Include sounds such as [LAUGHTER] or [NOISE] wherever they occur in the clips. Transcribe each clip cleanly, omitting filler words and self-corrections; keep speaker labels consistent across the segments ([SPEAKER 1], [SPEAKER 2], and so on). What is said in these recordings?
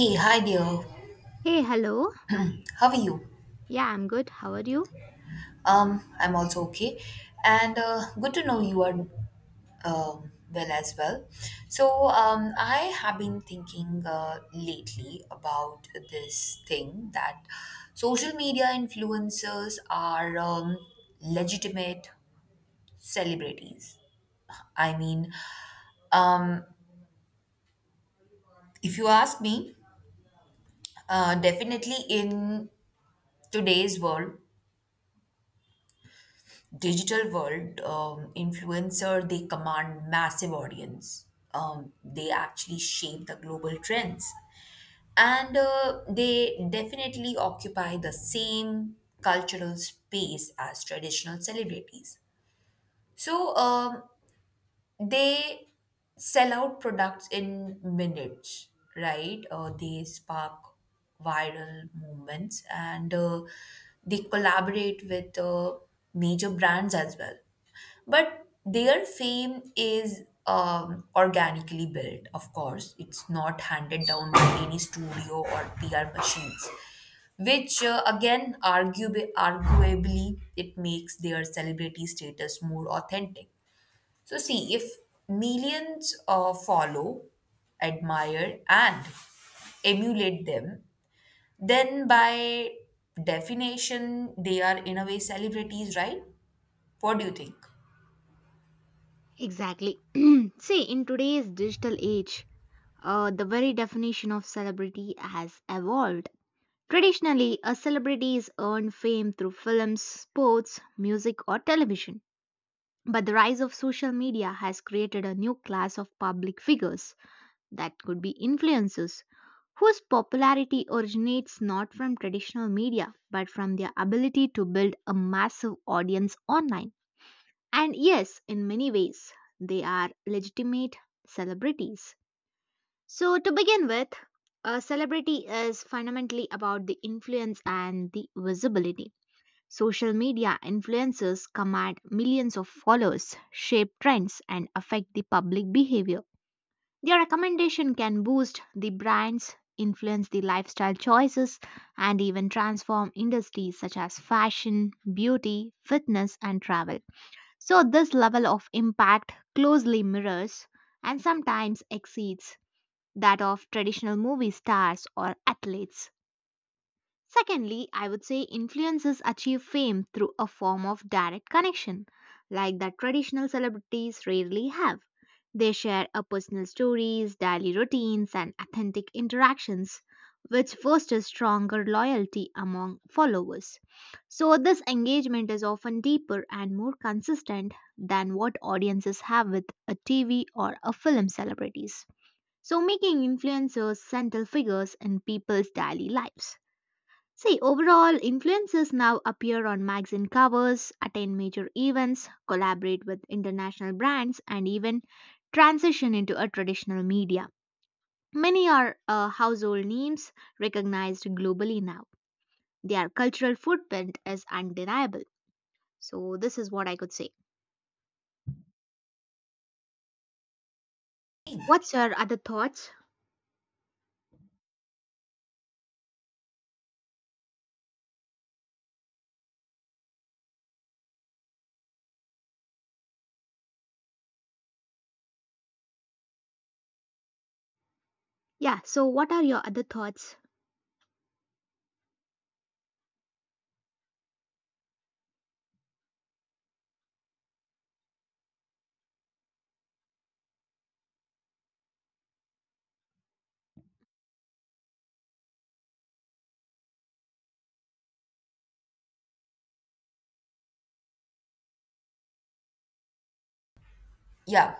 [SPEAKER 1] Hey, hi dear.
[SPEAKER 2] Hey, hello.
[SPEAKER 1] How are you?
[SPEAKER 2] Yeah, I'm good. How are you?
[SPEAKER 1] I'm also okay, and good to know you are well as well. So, I have been thinking lately about this thing that social media influencers are legitimate celebrities. I mean, um, if you ask me, definitely in today's world digital world, influencer they command massive audience. They actually shape the global trends, and they definitely occupy the same cultural space as traditional celebrities. So. Um, they sell out products in minutes, right? They spark viral movements and they collaborate with major brands as well. But their fame is organically built, of course. It's not handed down by any studio or PR machines, which again, arguably, it makes their celebrity status more authentic. So, see, if millions follow, admire, and emulate them, then by definition, they are in a way celebrities, right? What do you think?
[SPEAKER 2] Exactly. [CLEARS THROAT] See, in today's digital age, the very definition of celebrity has evolved. Traditionally, a celebrity is earned fame through films, sports, music, or television. But the rise of social media has created a new class of public figures that could be influencers, whose popularity originates not from traditional media but from their ability to build a massive audience online. And yes, in many ways, they are legitimate celebrities. So, to begin with, a celebrity is fundamentally about the influence and the visibility. Social media influencers command millions of followers, shape trends, and affect the public behavior. Their recommendation can boost the brands, influence the lifestyle choices, and even transform industries such as fashion, beauty, fitness, and travel. So, this level of impact closely mirrors and sometimes exceeds that of traditional movie stars or athletes. Secondly, I would say influencers achieve fame through a form of direct connection, like that traditional celebrities rarely have. They share a personal stories, daily routines, and authentic interactions, which fosters stronger loyalty among followers. So, this engagement is often deeper and more consistent than what audiences have with a TV or a film celebrities. So, making influencers central figures in people's daily lives. See, overall, influencers now appear on magazine covers, attend major events, collaborate with international brands, and even transition into a traditional media. Many are household names recognized globally now. Their cultural footprint is undeniable. So, this is what I could say. What's your other thoughts? Yeah, so what are your other thoughts?
[SPEAKER 1] Yeah.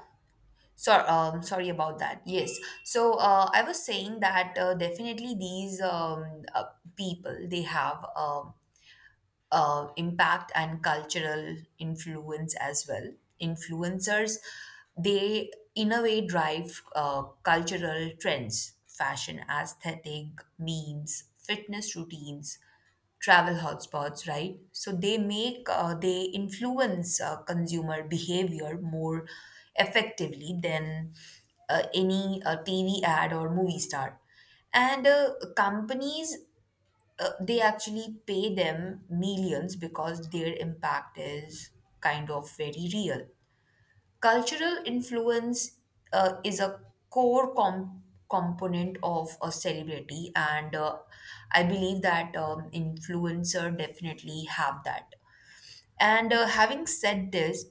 [SPEAKER 1] Sorry about that. Yes. So, I was saying that definitely these people they have impact and cultural influence as well. Influencers, they in a way drive cultural trends, fashion aesthetic, memes, fitness routines, travel hotspots, right? So they make, they influence consumer behavior more effectively than any TV ad or movie star. And companies they actually pay them millions because their impact is kind of very real. Cultural influence is a core component of a celebrity, and I believe that influencer definitely have that. And having said this,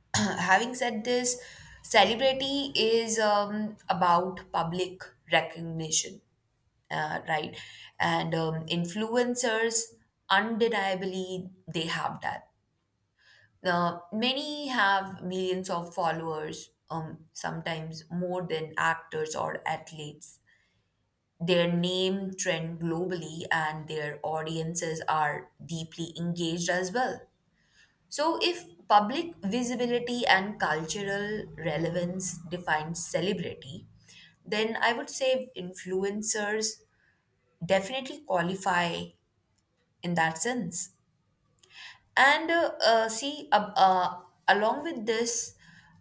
[SPEAKER 1] [CLEARS THROAT] having said this, celebrity is about public recognition, right, and influencers undeniably they have that. Now many have millions of followers, sometimes more than actors or athletes. Their name trend globally, and their audiences are deeply engaged as well. So if public visibility and cultural relevance define celebrity, then I would say influencers definitely qualify in that sense. And see, along with this,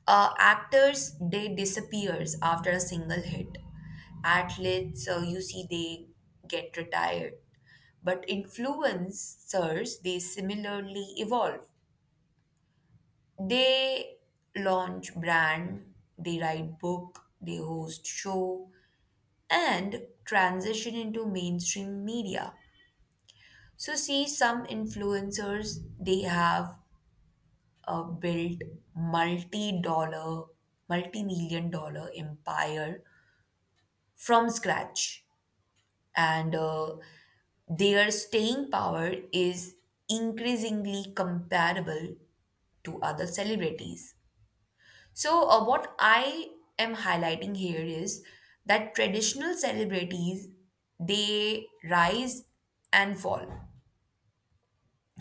[SPEAKER 1] actors they disappears after a single hit. Athletes, you see, they get retired, but influencers they similarly evolve. They launch brand, they write book, they host show, and transition into mainstream media. So see, some influencers they have built multi-dollar, multi-million dollar empire from scratch. And their staying power is increasingly comparable to other celebrities. So, what I am highlighting here is that traditional celebrities they rise and fall,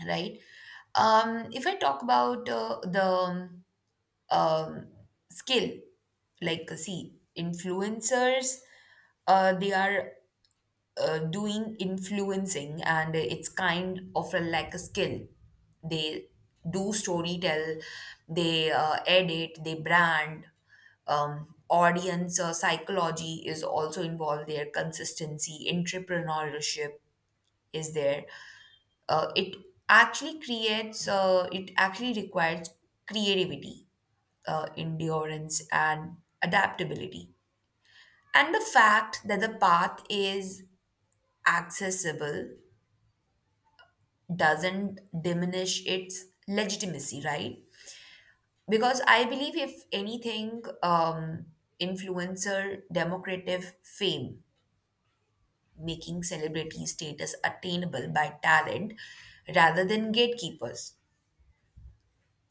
[SPEAKER 1] right? If I talk about the um, skill, like see influencers they are doing influencing, and it's kind of a, like a skill. They do story, they edit, they brand, audience psychology is also involved there, consistency, entrepreneurship is there. It actually creates it actually requires creativity, endurance, and adaptability. And the fact that the path is accessible doesn't diminish its legitimacy, right? Because I believe, if anything, influencer democratic fame, making celebrity status attainable by talent rather than gatekeepers.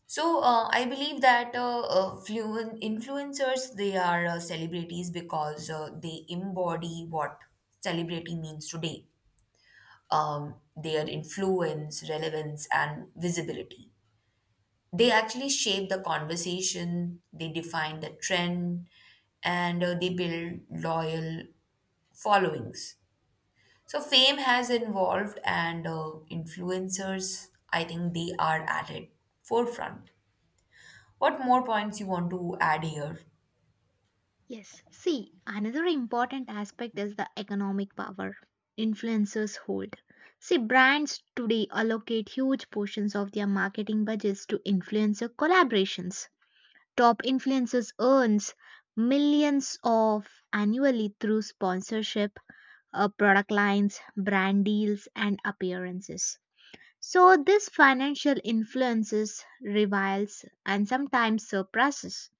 [SPEAKER 1] So I believe that influencers they are celebrities because they embody what celebrity means today. Their influence, relevance, and visibility. They actually shape the conversation. They define the trend, and they build loyal followings. So fame has evolved, and influencers, I think, they are at it forefront. What more points you want to add here?
[SPEAKER 2] Yes, see, another important aspect is the economic power influencers hold. See, brands today allocate huge portions of their marketing budgets to influencer collaborations. Top influencers earns millions of annually through sponsorship, product lines, brand deals, and appearances. So this financial influences rivals and sometimes surpasses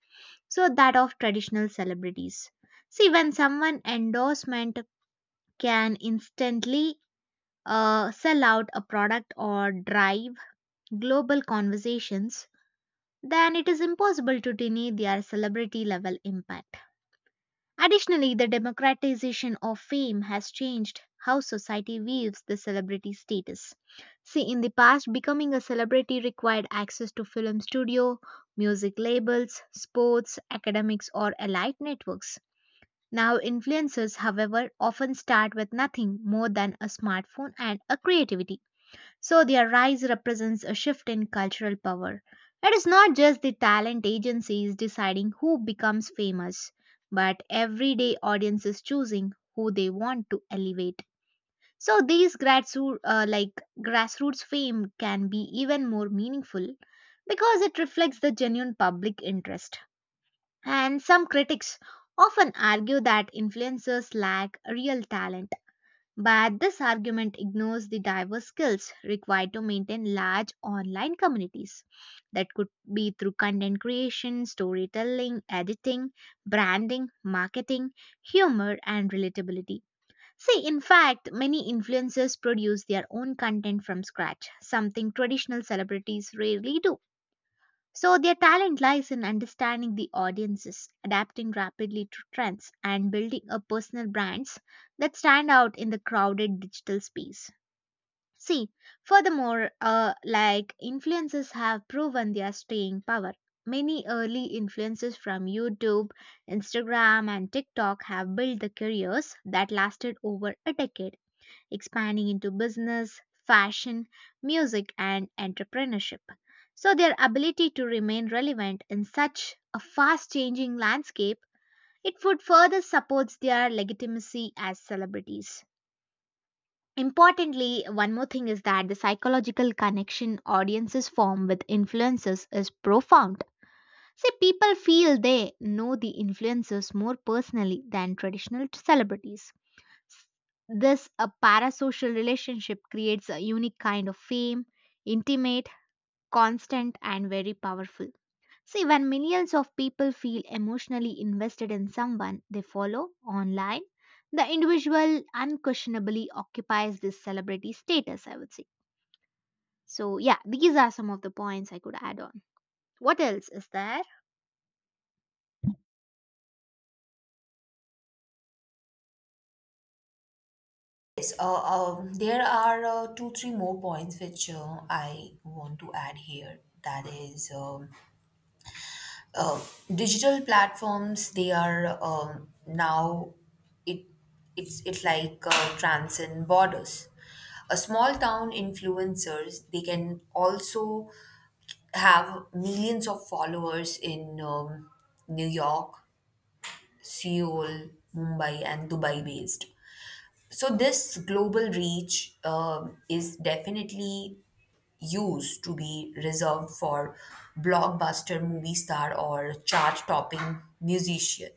[SPEAKER 2] so that of traditional celebrities. See, when someone endorsement can instantly sell out a product or drive global conversations, then it is impossible to deny their celebrity level impact. Additionally, the democratization of fame has changed how society views the celebrity status. See, in the past, becoming a celebrity required access to film studio, music labels, sports, academics, or elite networks. Now, influencers, however, often start with nothing more than a smartphone and a creativity. So, their rise represents a shift in cultural power. It is not just the talent agencies deciding who becomes famous, but everyday audiences choosing who they want to elevate. So, these grassroots fame can be even more meaningful because it reflects the genuine public interest. And some critics often argue that influencers lack real talent, but this argument ignores the diverse skills required to maintain large online communities. That could be through content creation, storytelling, editing, branding, marketing, humor, and relatability. See, in fact, many influencers produce their own content from scratch, something traditional celebrities rarely do. So their talent lies in understanding the audiences, adapting rapidly to trends, and building a personal brands that stand out in the crowded digital space. See, furthermore, influencers have proven their staying power. Many early influencers from YouTube, Instagram, and TikTok have built the careers that lasted over a decade expanding into business, fashion, music, and entrepreneurship. So, their ability to remain relevant in such a fast changing landscape, it would further supports their legitimacy as celebrities. Importantly, one more thing is that the psychological connection audiences form with influencers is profound. See, people feel they know the influencers more personally than traditional celebrities. This a parasocial relationship creates a unique kind of fame, intimate, constant and very powerful. See when millions of people feel emotionally invested in someone they follow online, the individual unquestionably occupies this celebrity status, I would say. So yeah, these are some of the points I could add on. What else is there?
[SPEAKER 1] Yes, there are two, three more points which I want to add here. That is, uh, digital platforms. They are now it it like transcend borders. A small town influencers they can also have millions of followers in New York, Seoul, Mumbai, and Dubai based. So this global reach is definitely used to be reserved for blockbuster movie star or chart-topping musician.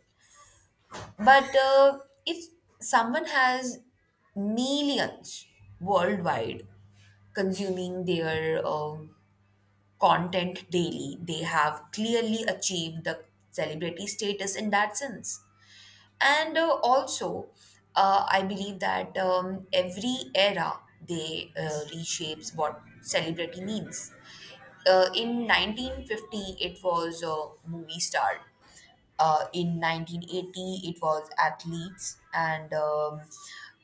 [SPEAKER 1] But if someone has millions worldwide consuming their content daily, they have clearly achieved the celebrity status in that sense. And also, I believe that every era they reshapes what celebrity means. In 1950, it was a movie star. In 1980, it was athletes and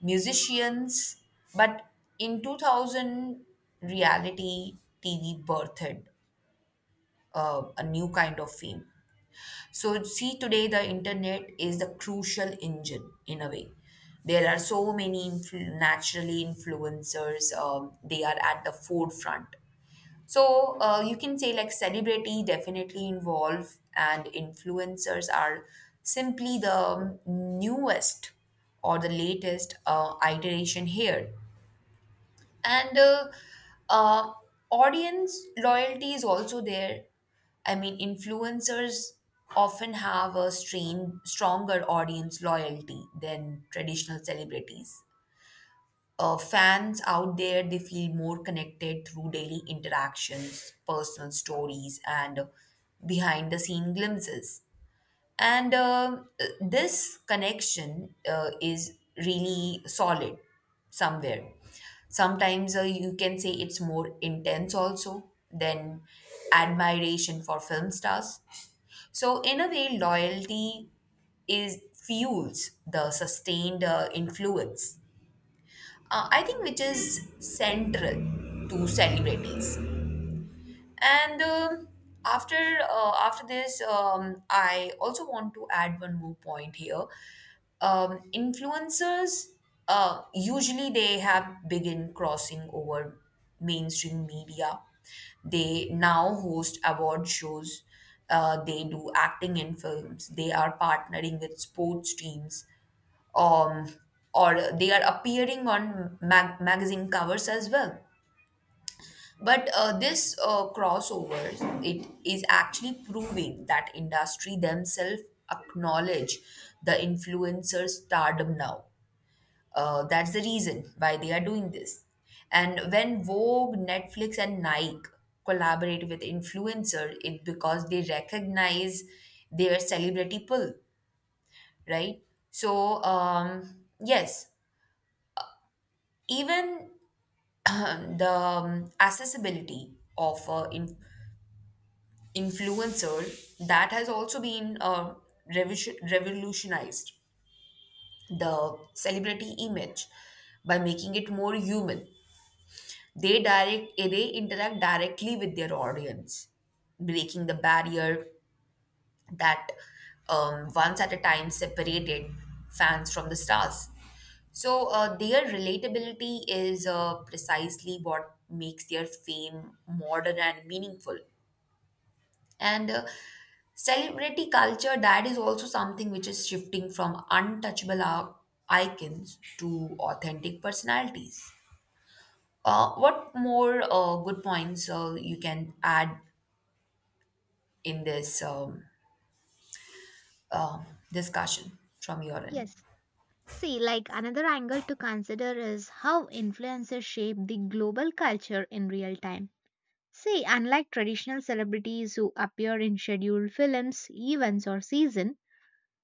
[SPEAKER 1] musicians. But in 2000, reality TV birthed a new kind of fame. So, see, today the internet is the crucial engine in a way. There are so many naturally influencers, they are at the forefront. So, you can say like celebrity definitely involve, and influencers are simply the newest or the latest iteration here. And uh, Audience loyalty is also there. I mean, influencers often have a stronger audience loyalty than traditional celebrities. Fans out there, they feel more connected through daily interactions, personal stories, and behind the scene glimpses. And this connection is really solid somewhere. Sometimes you can say it's more intense also than admiration for film stars. So, in a way, loyalty is fuels the sustained influence. I think which is central to celebrities. And after this, I also want to add one more point here. Influencers usually they have begin crossing over mainstream media. They now host award shows. They do acting in films. They are partnering with sports teams, um, or they are appearing on magazine covers as well. But this crossovers, it is actually proving that industry themselves acknowledge the influencer stardom now. That's the reason why they are doing this. And when Vogue, Netflix, and Nike collaborate with influencer, it because they recognize their celebrity pull, right? So yes, even [CLEARS THROAT] the accessibility of in influencer, that has also been revolutionized the celebrity image by making it more human. They direct they interact directly with their audience, breaking the barrier that once at a time separated fans from the stars. So their relatability is precisely what makes their fame modern and meaningful. And celebrity culture, that is also something which is shifting from untouchable icons to authentic personalities. What more good points you can add in this um discussion from your end?
[SPEAKER 2] Yes. See, like another angle to consider is how influencers shape the global culture in real time. See, unlike traditional celebrities who appear in scheduled films, events, or season,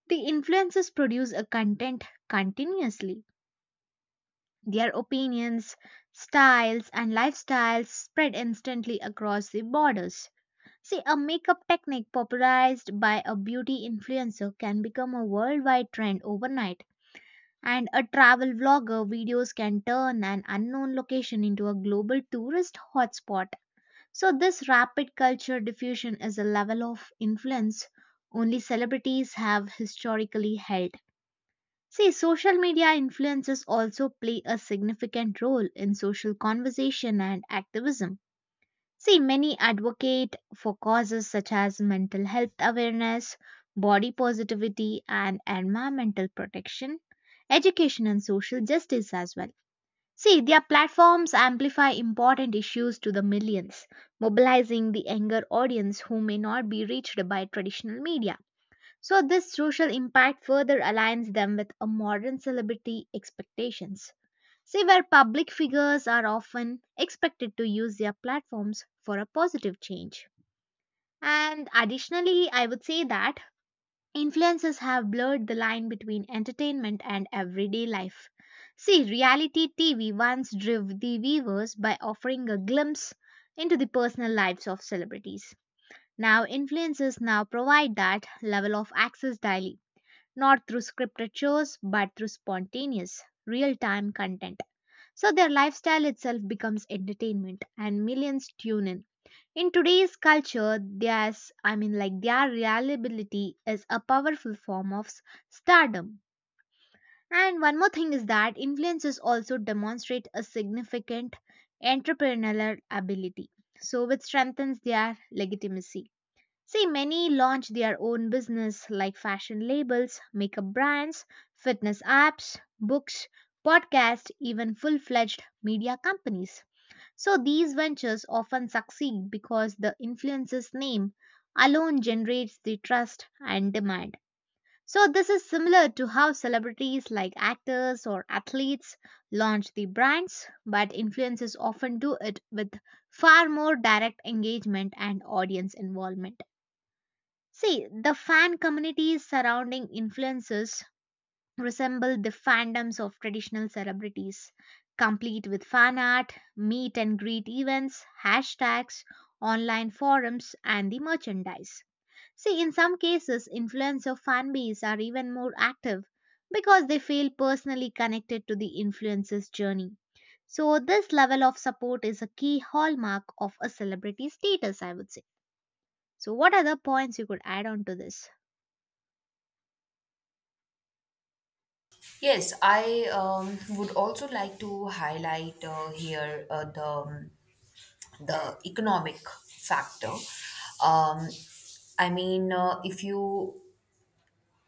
[SPEAKER 2] the influencers produce a content continuously. Their opinions, styles, and lifestyles spread instantly across the borders. See, a makeup technique popularized by a beauty influencer can become a worldwide trend overnight, and a travel vlogger videos can turn an unknown location into a global tourist hotspot. So, this rapid culture diffusion is a level of influence only celebrities have historically held. See, social media influences also play a significant role in social conversation and activism. See, many advocate for causes such as mental health awareness, body positivity, and environmental protection, education, and social justice as well. See, their platforms amplify important issues to the millions, mobilizing the younger audience who may not be reached by traditional media. So, this social impact further aligns them with a modern celebrity expectations. See, where public figures are often expected to use their platforms for a positive change. And additionally, I would say that influences have blurred the line between entertainment and everyday life. See, reality TV once drove the viewers by offering a glimpse into the personal lives of celebrities. Now, influencers now provide that level of access daily, not through scripted shows, but through spontaneous, real time content. So, their lifestyle itself becomes entertainment, and millions tune in. In today's culture, there's, I mean, like their reliability is a powerful form of stardom. And one more thing is that influencers also demonstrate a significant entrepreneurial ability, so which strengthens their legitimacy. See, many launch their own business like fashion labels, makeup brands, fitness apps, books, podcasts, even full fledged media companies. So these ventures often succeed because the influencer's name alone generates the trust and demand. So this is similar to how celebrities like actors or athletes launch the brands, but influencers often do it with far more direct engagement and audience involvement. See, the fan communities surrounding influencers resemble the fandoms of traditional celebrities, complete with fan art, meet and greet events, hashtags, online forums, and the merchandise. See, in some cases, influencer fan base are even more active because they feel personally connected to the influencer's journey. So, this level of support is a key hallmark of a celebrity status, I would say. So, what other points you could add on to this?
[SPEAKER 1] Yes, I would also like to highlight here the economic factor. Um, I mean, uh, if you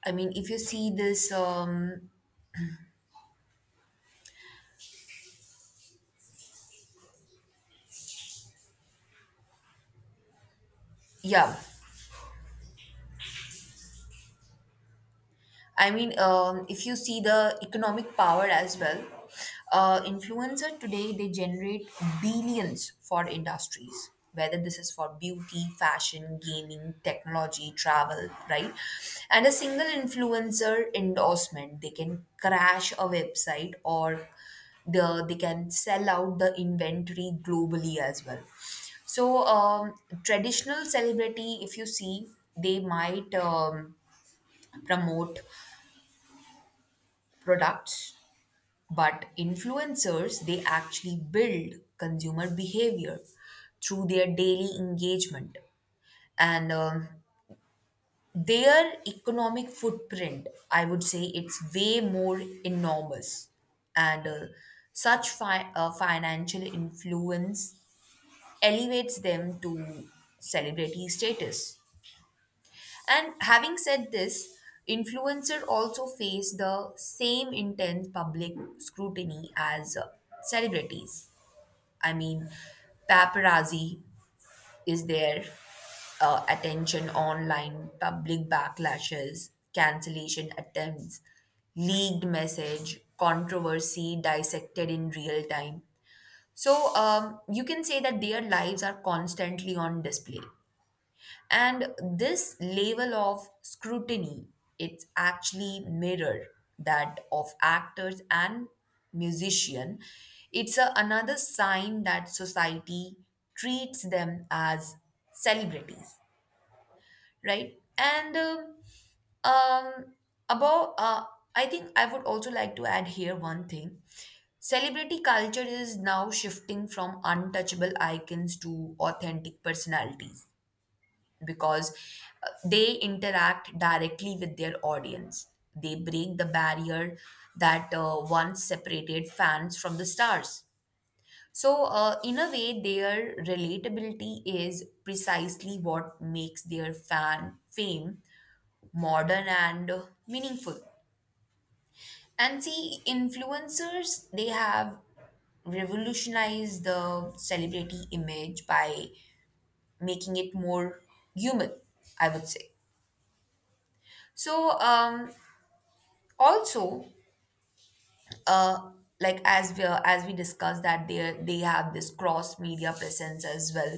[SPEAKER 1] I mean, if you see this, yeah, I mean, if you see the economic power as well, influencer today they generate billions for industries, whether this is for beauty, fashion, gaming, technology, travel, right? And a single influencer endorsement they can crash a website or they can sell out the inventory globally as well. So traditional celebrity, if you see, they might promote products, but influencers they actually build consumer behavior through their daily engagement. And their economic footprint, I would say it's way more enormous. And such financial influence elevates them to celebrity status. And having said this, influencer also face the same intense public scrutiny as celebrities. I mean, paparazzi is their attention online, public backlashes, cancellation attempts, leaked message, controversy dissected in real time. So you can say that their lives are constantly on display. And this level of scrutiny, it's actually mirror that of actors and musician. It's a, another sign that society treats them as celebrities, right? And um, about, uh, I think I would also like to add here one thing. Celebrity culture is now shifting from untouchable icons to authentic personalities because they interact directly with their audience. They break the barrier that once separated fans from the stars. So, in a way, their relatability is precisely what makes their fan fame modern and meaningful. And see, influencers, they have revolutionized the celebrity image by making it more human, I would say. So, also uh like as we discussed that they have this cross media presence as well.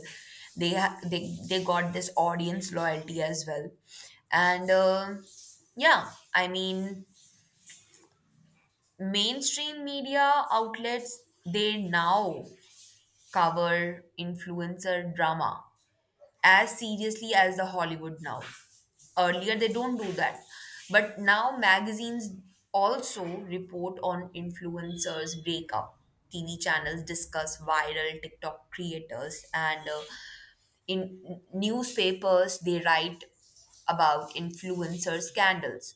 [SPEAKER 1] They ha- they they got this audience loyalty as well. And yeah, I mean, mainstream media outlets, they now cover influencer drama as seriously as the Hollywood now. Earlier, they don't do that. But now, magazines also report on influencers' breakup. TV channels discuss viral TikTok creators, and in newspapers, they write about influencer scandals.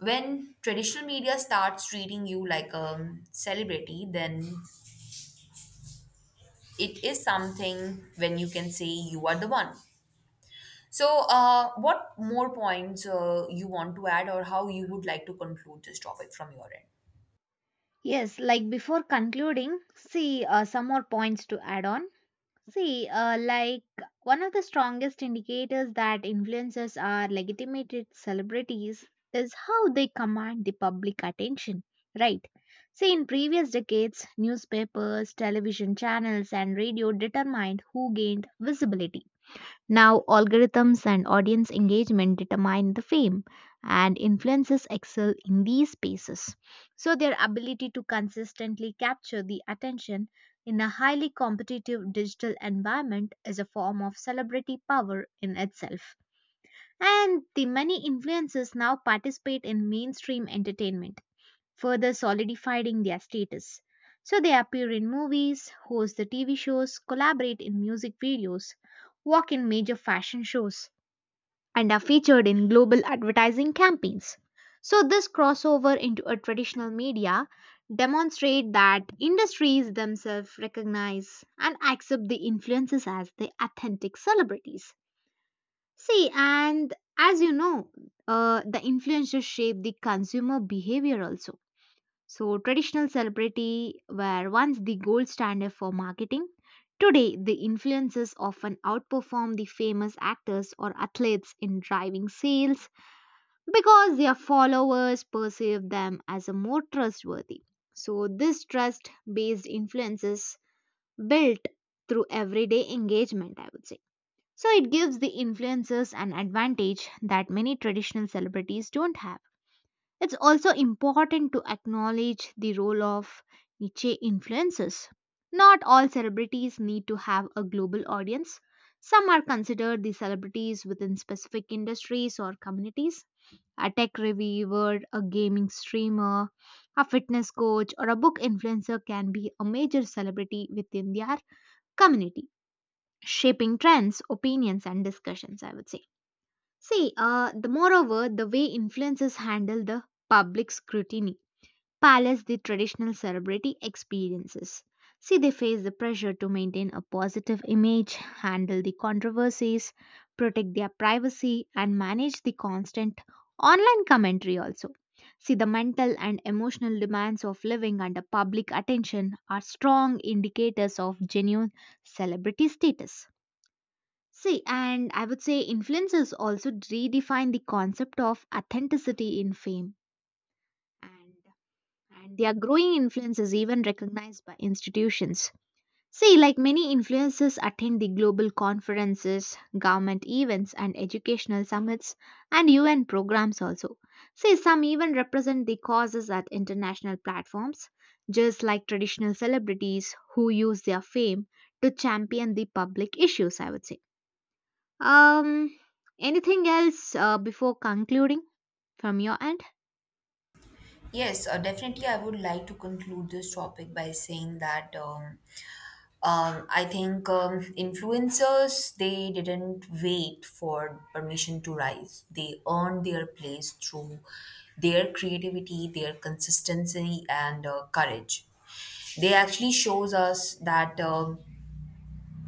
[SPEAKER 1] When traditional media starts treating you like a celebrity, then it is something when you can say you are the one. So, what more points you want to add, or how you would like to conclude this topic from your end?
[SPEAKER 2] Yes, like before concluding, see some more points to add on. See, one of the strongest indicators that influencers are legitimated celebrities is how they command the public attention, right? See, in previous decades, newspapers, television channels, and radio determined who gained visibility. Now, algorithms and audience engagement determine the fame, and influencers excel in these spaces. So, their ability to consistently capture the attention in a highly competitive digital environment is a form of celebrity power in itself. And the many influencers now participate in mainstream entertainment further solidifying their status. So they appear in movies, host the TV shows, collaborate in music videos, walk in major fashion shows, and are featured in global advertising campaigns. So this crossover into a traditional media demonstrate that industries themselves recognize and accept the influences as the authentic celebrities. See, and as you know, the influencers shape the consumer behavior also. So, traditional celebrity were once the gold standard for marketing. Today, the influencers often outperform the famous actors or athletes in driving sales because their followers perceive them as a more trustworthy. So, this trust based influences built through everyday engagement, I would say. So, it gives the influencers an advantage that many traditional celebrities don't have. It's also important to acknowledge the role of niche influences. Not all celebrities need to have a global audience. Some are considered the celebrities within specific industries or communities. A tech reviewer, a gaming streamer, a fitness coach, or a book influencer can be a major celebrity within their community, shaping trends, opinions, and discussions, I would say. See, the moreover, the way influencers handle the public scrutiny palace the traditional celebrity experiences. See, they face the pressure to maintain a positive image, handle the controversies, protect their privacy, and manage the constant online commentary also. See, the mental and emotional demands of living under public attention are strong indicators of genuine celebrity status. See, and I would say influencers also redefine the concept of authenticity in fame. And and their growing influence is even recognized by institutions. See, like many influencers attend the global conferences, government events, and educational summits, and UN programs also. See, some even represent the causes at international platforms, just like traditional celebrities who use their fame to champion the public issues, I would say. Um, anything else before concluding from your end?
[SPEAKER 1] Yes, definitely. I would like to conclude this topic by saying that I think influencers they didn't wait for permission to rise. They earned their place through their creativity, their consistency, and courage. They actually shows us that,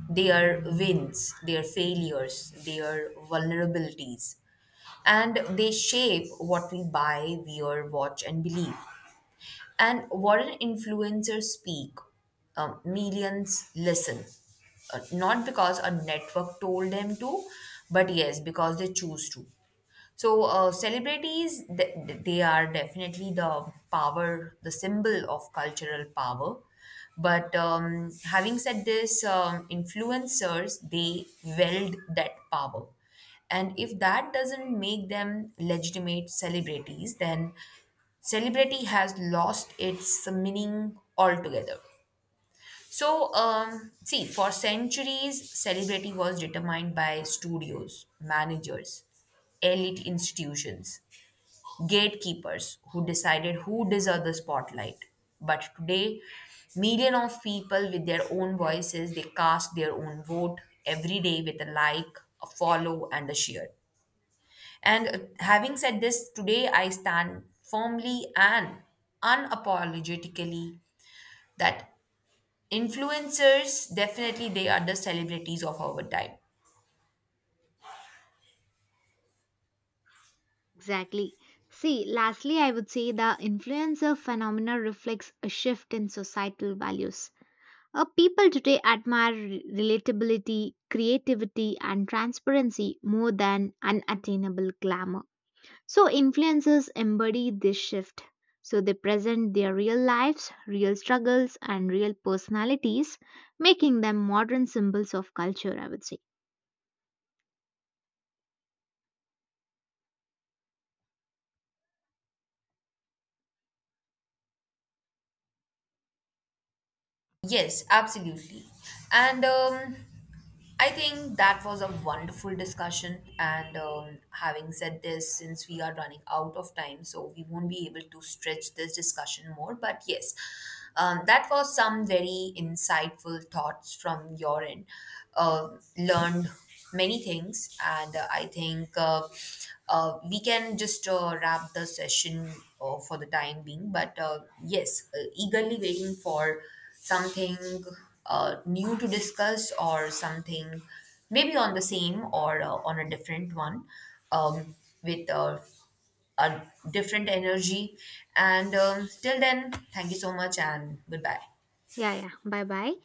[SPEAKER 1] their wins, their failures, their vulnerabilities. And they shape what we buy, wear, watch, and believe. And what an influencer speak, millions listen. Not because a network told them to, but yes, because they choose to. So, celebrities, they are definitely the power, the symbol of cultural power. But having said this, influencers, they wield that power. And if that doesn't make them legitimate celebrities, then celebrity has lost its meaning altogether. So, see, for centuries, celebrity was determined by studios, managers, elite institutions, gatekeepers who decided who deserved the spotlight. But today, million of people with their own voices, they cast their own vote every day with a like, a follow, and a share. And having said this, today I stand firmly and unapologetically that influencers definitely they are the celebrities of our time.
[SPEAKER 2] Exactly. See, lastly, I would say the influencer phenomena reflects a shift in societal values. People today admire relatability, creativity, and transparency more than unattainable glamour. So, influencers embody this shift. So, they present their real lives, real struggles, and real personalities, making them modern symbols of culture, I would say.
[SPEAKER 1] Yes, absolutely. And I think that was a wonderful discussion. And having said this, since we are running out of time, so we won't be able to stretch this discussion more. But yes, that was some very insightful thoughts from your end. Learned many things, and I think we can just wrap the session for the time being. But yes, eagerly waiting for something new to discuss or something maybe on the same or on a different one, um, with a different energy. And till then, thank you so much and goodbye.
[SPEAKER 2] Yeah, yeah. Bye bye.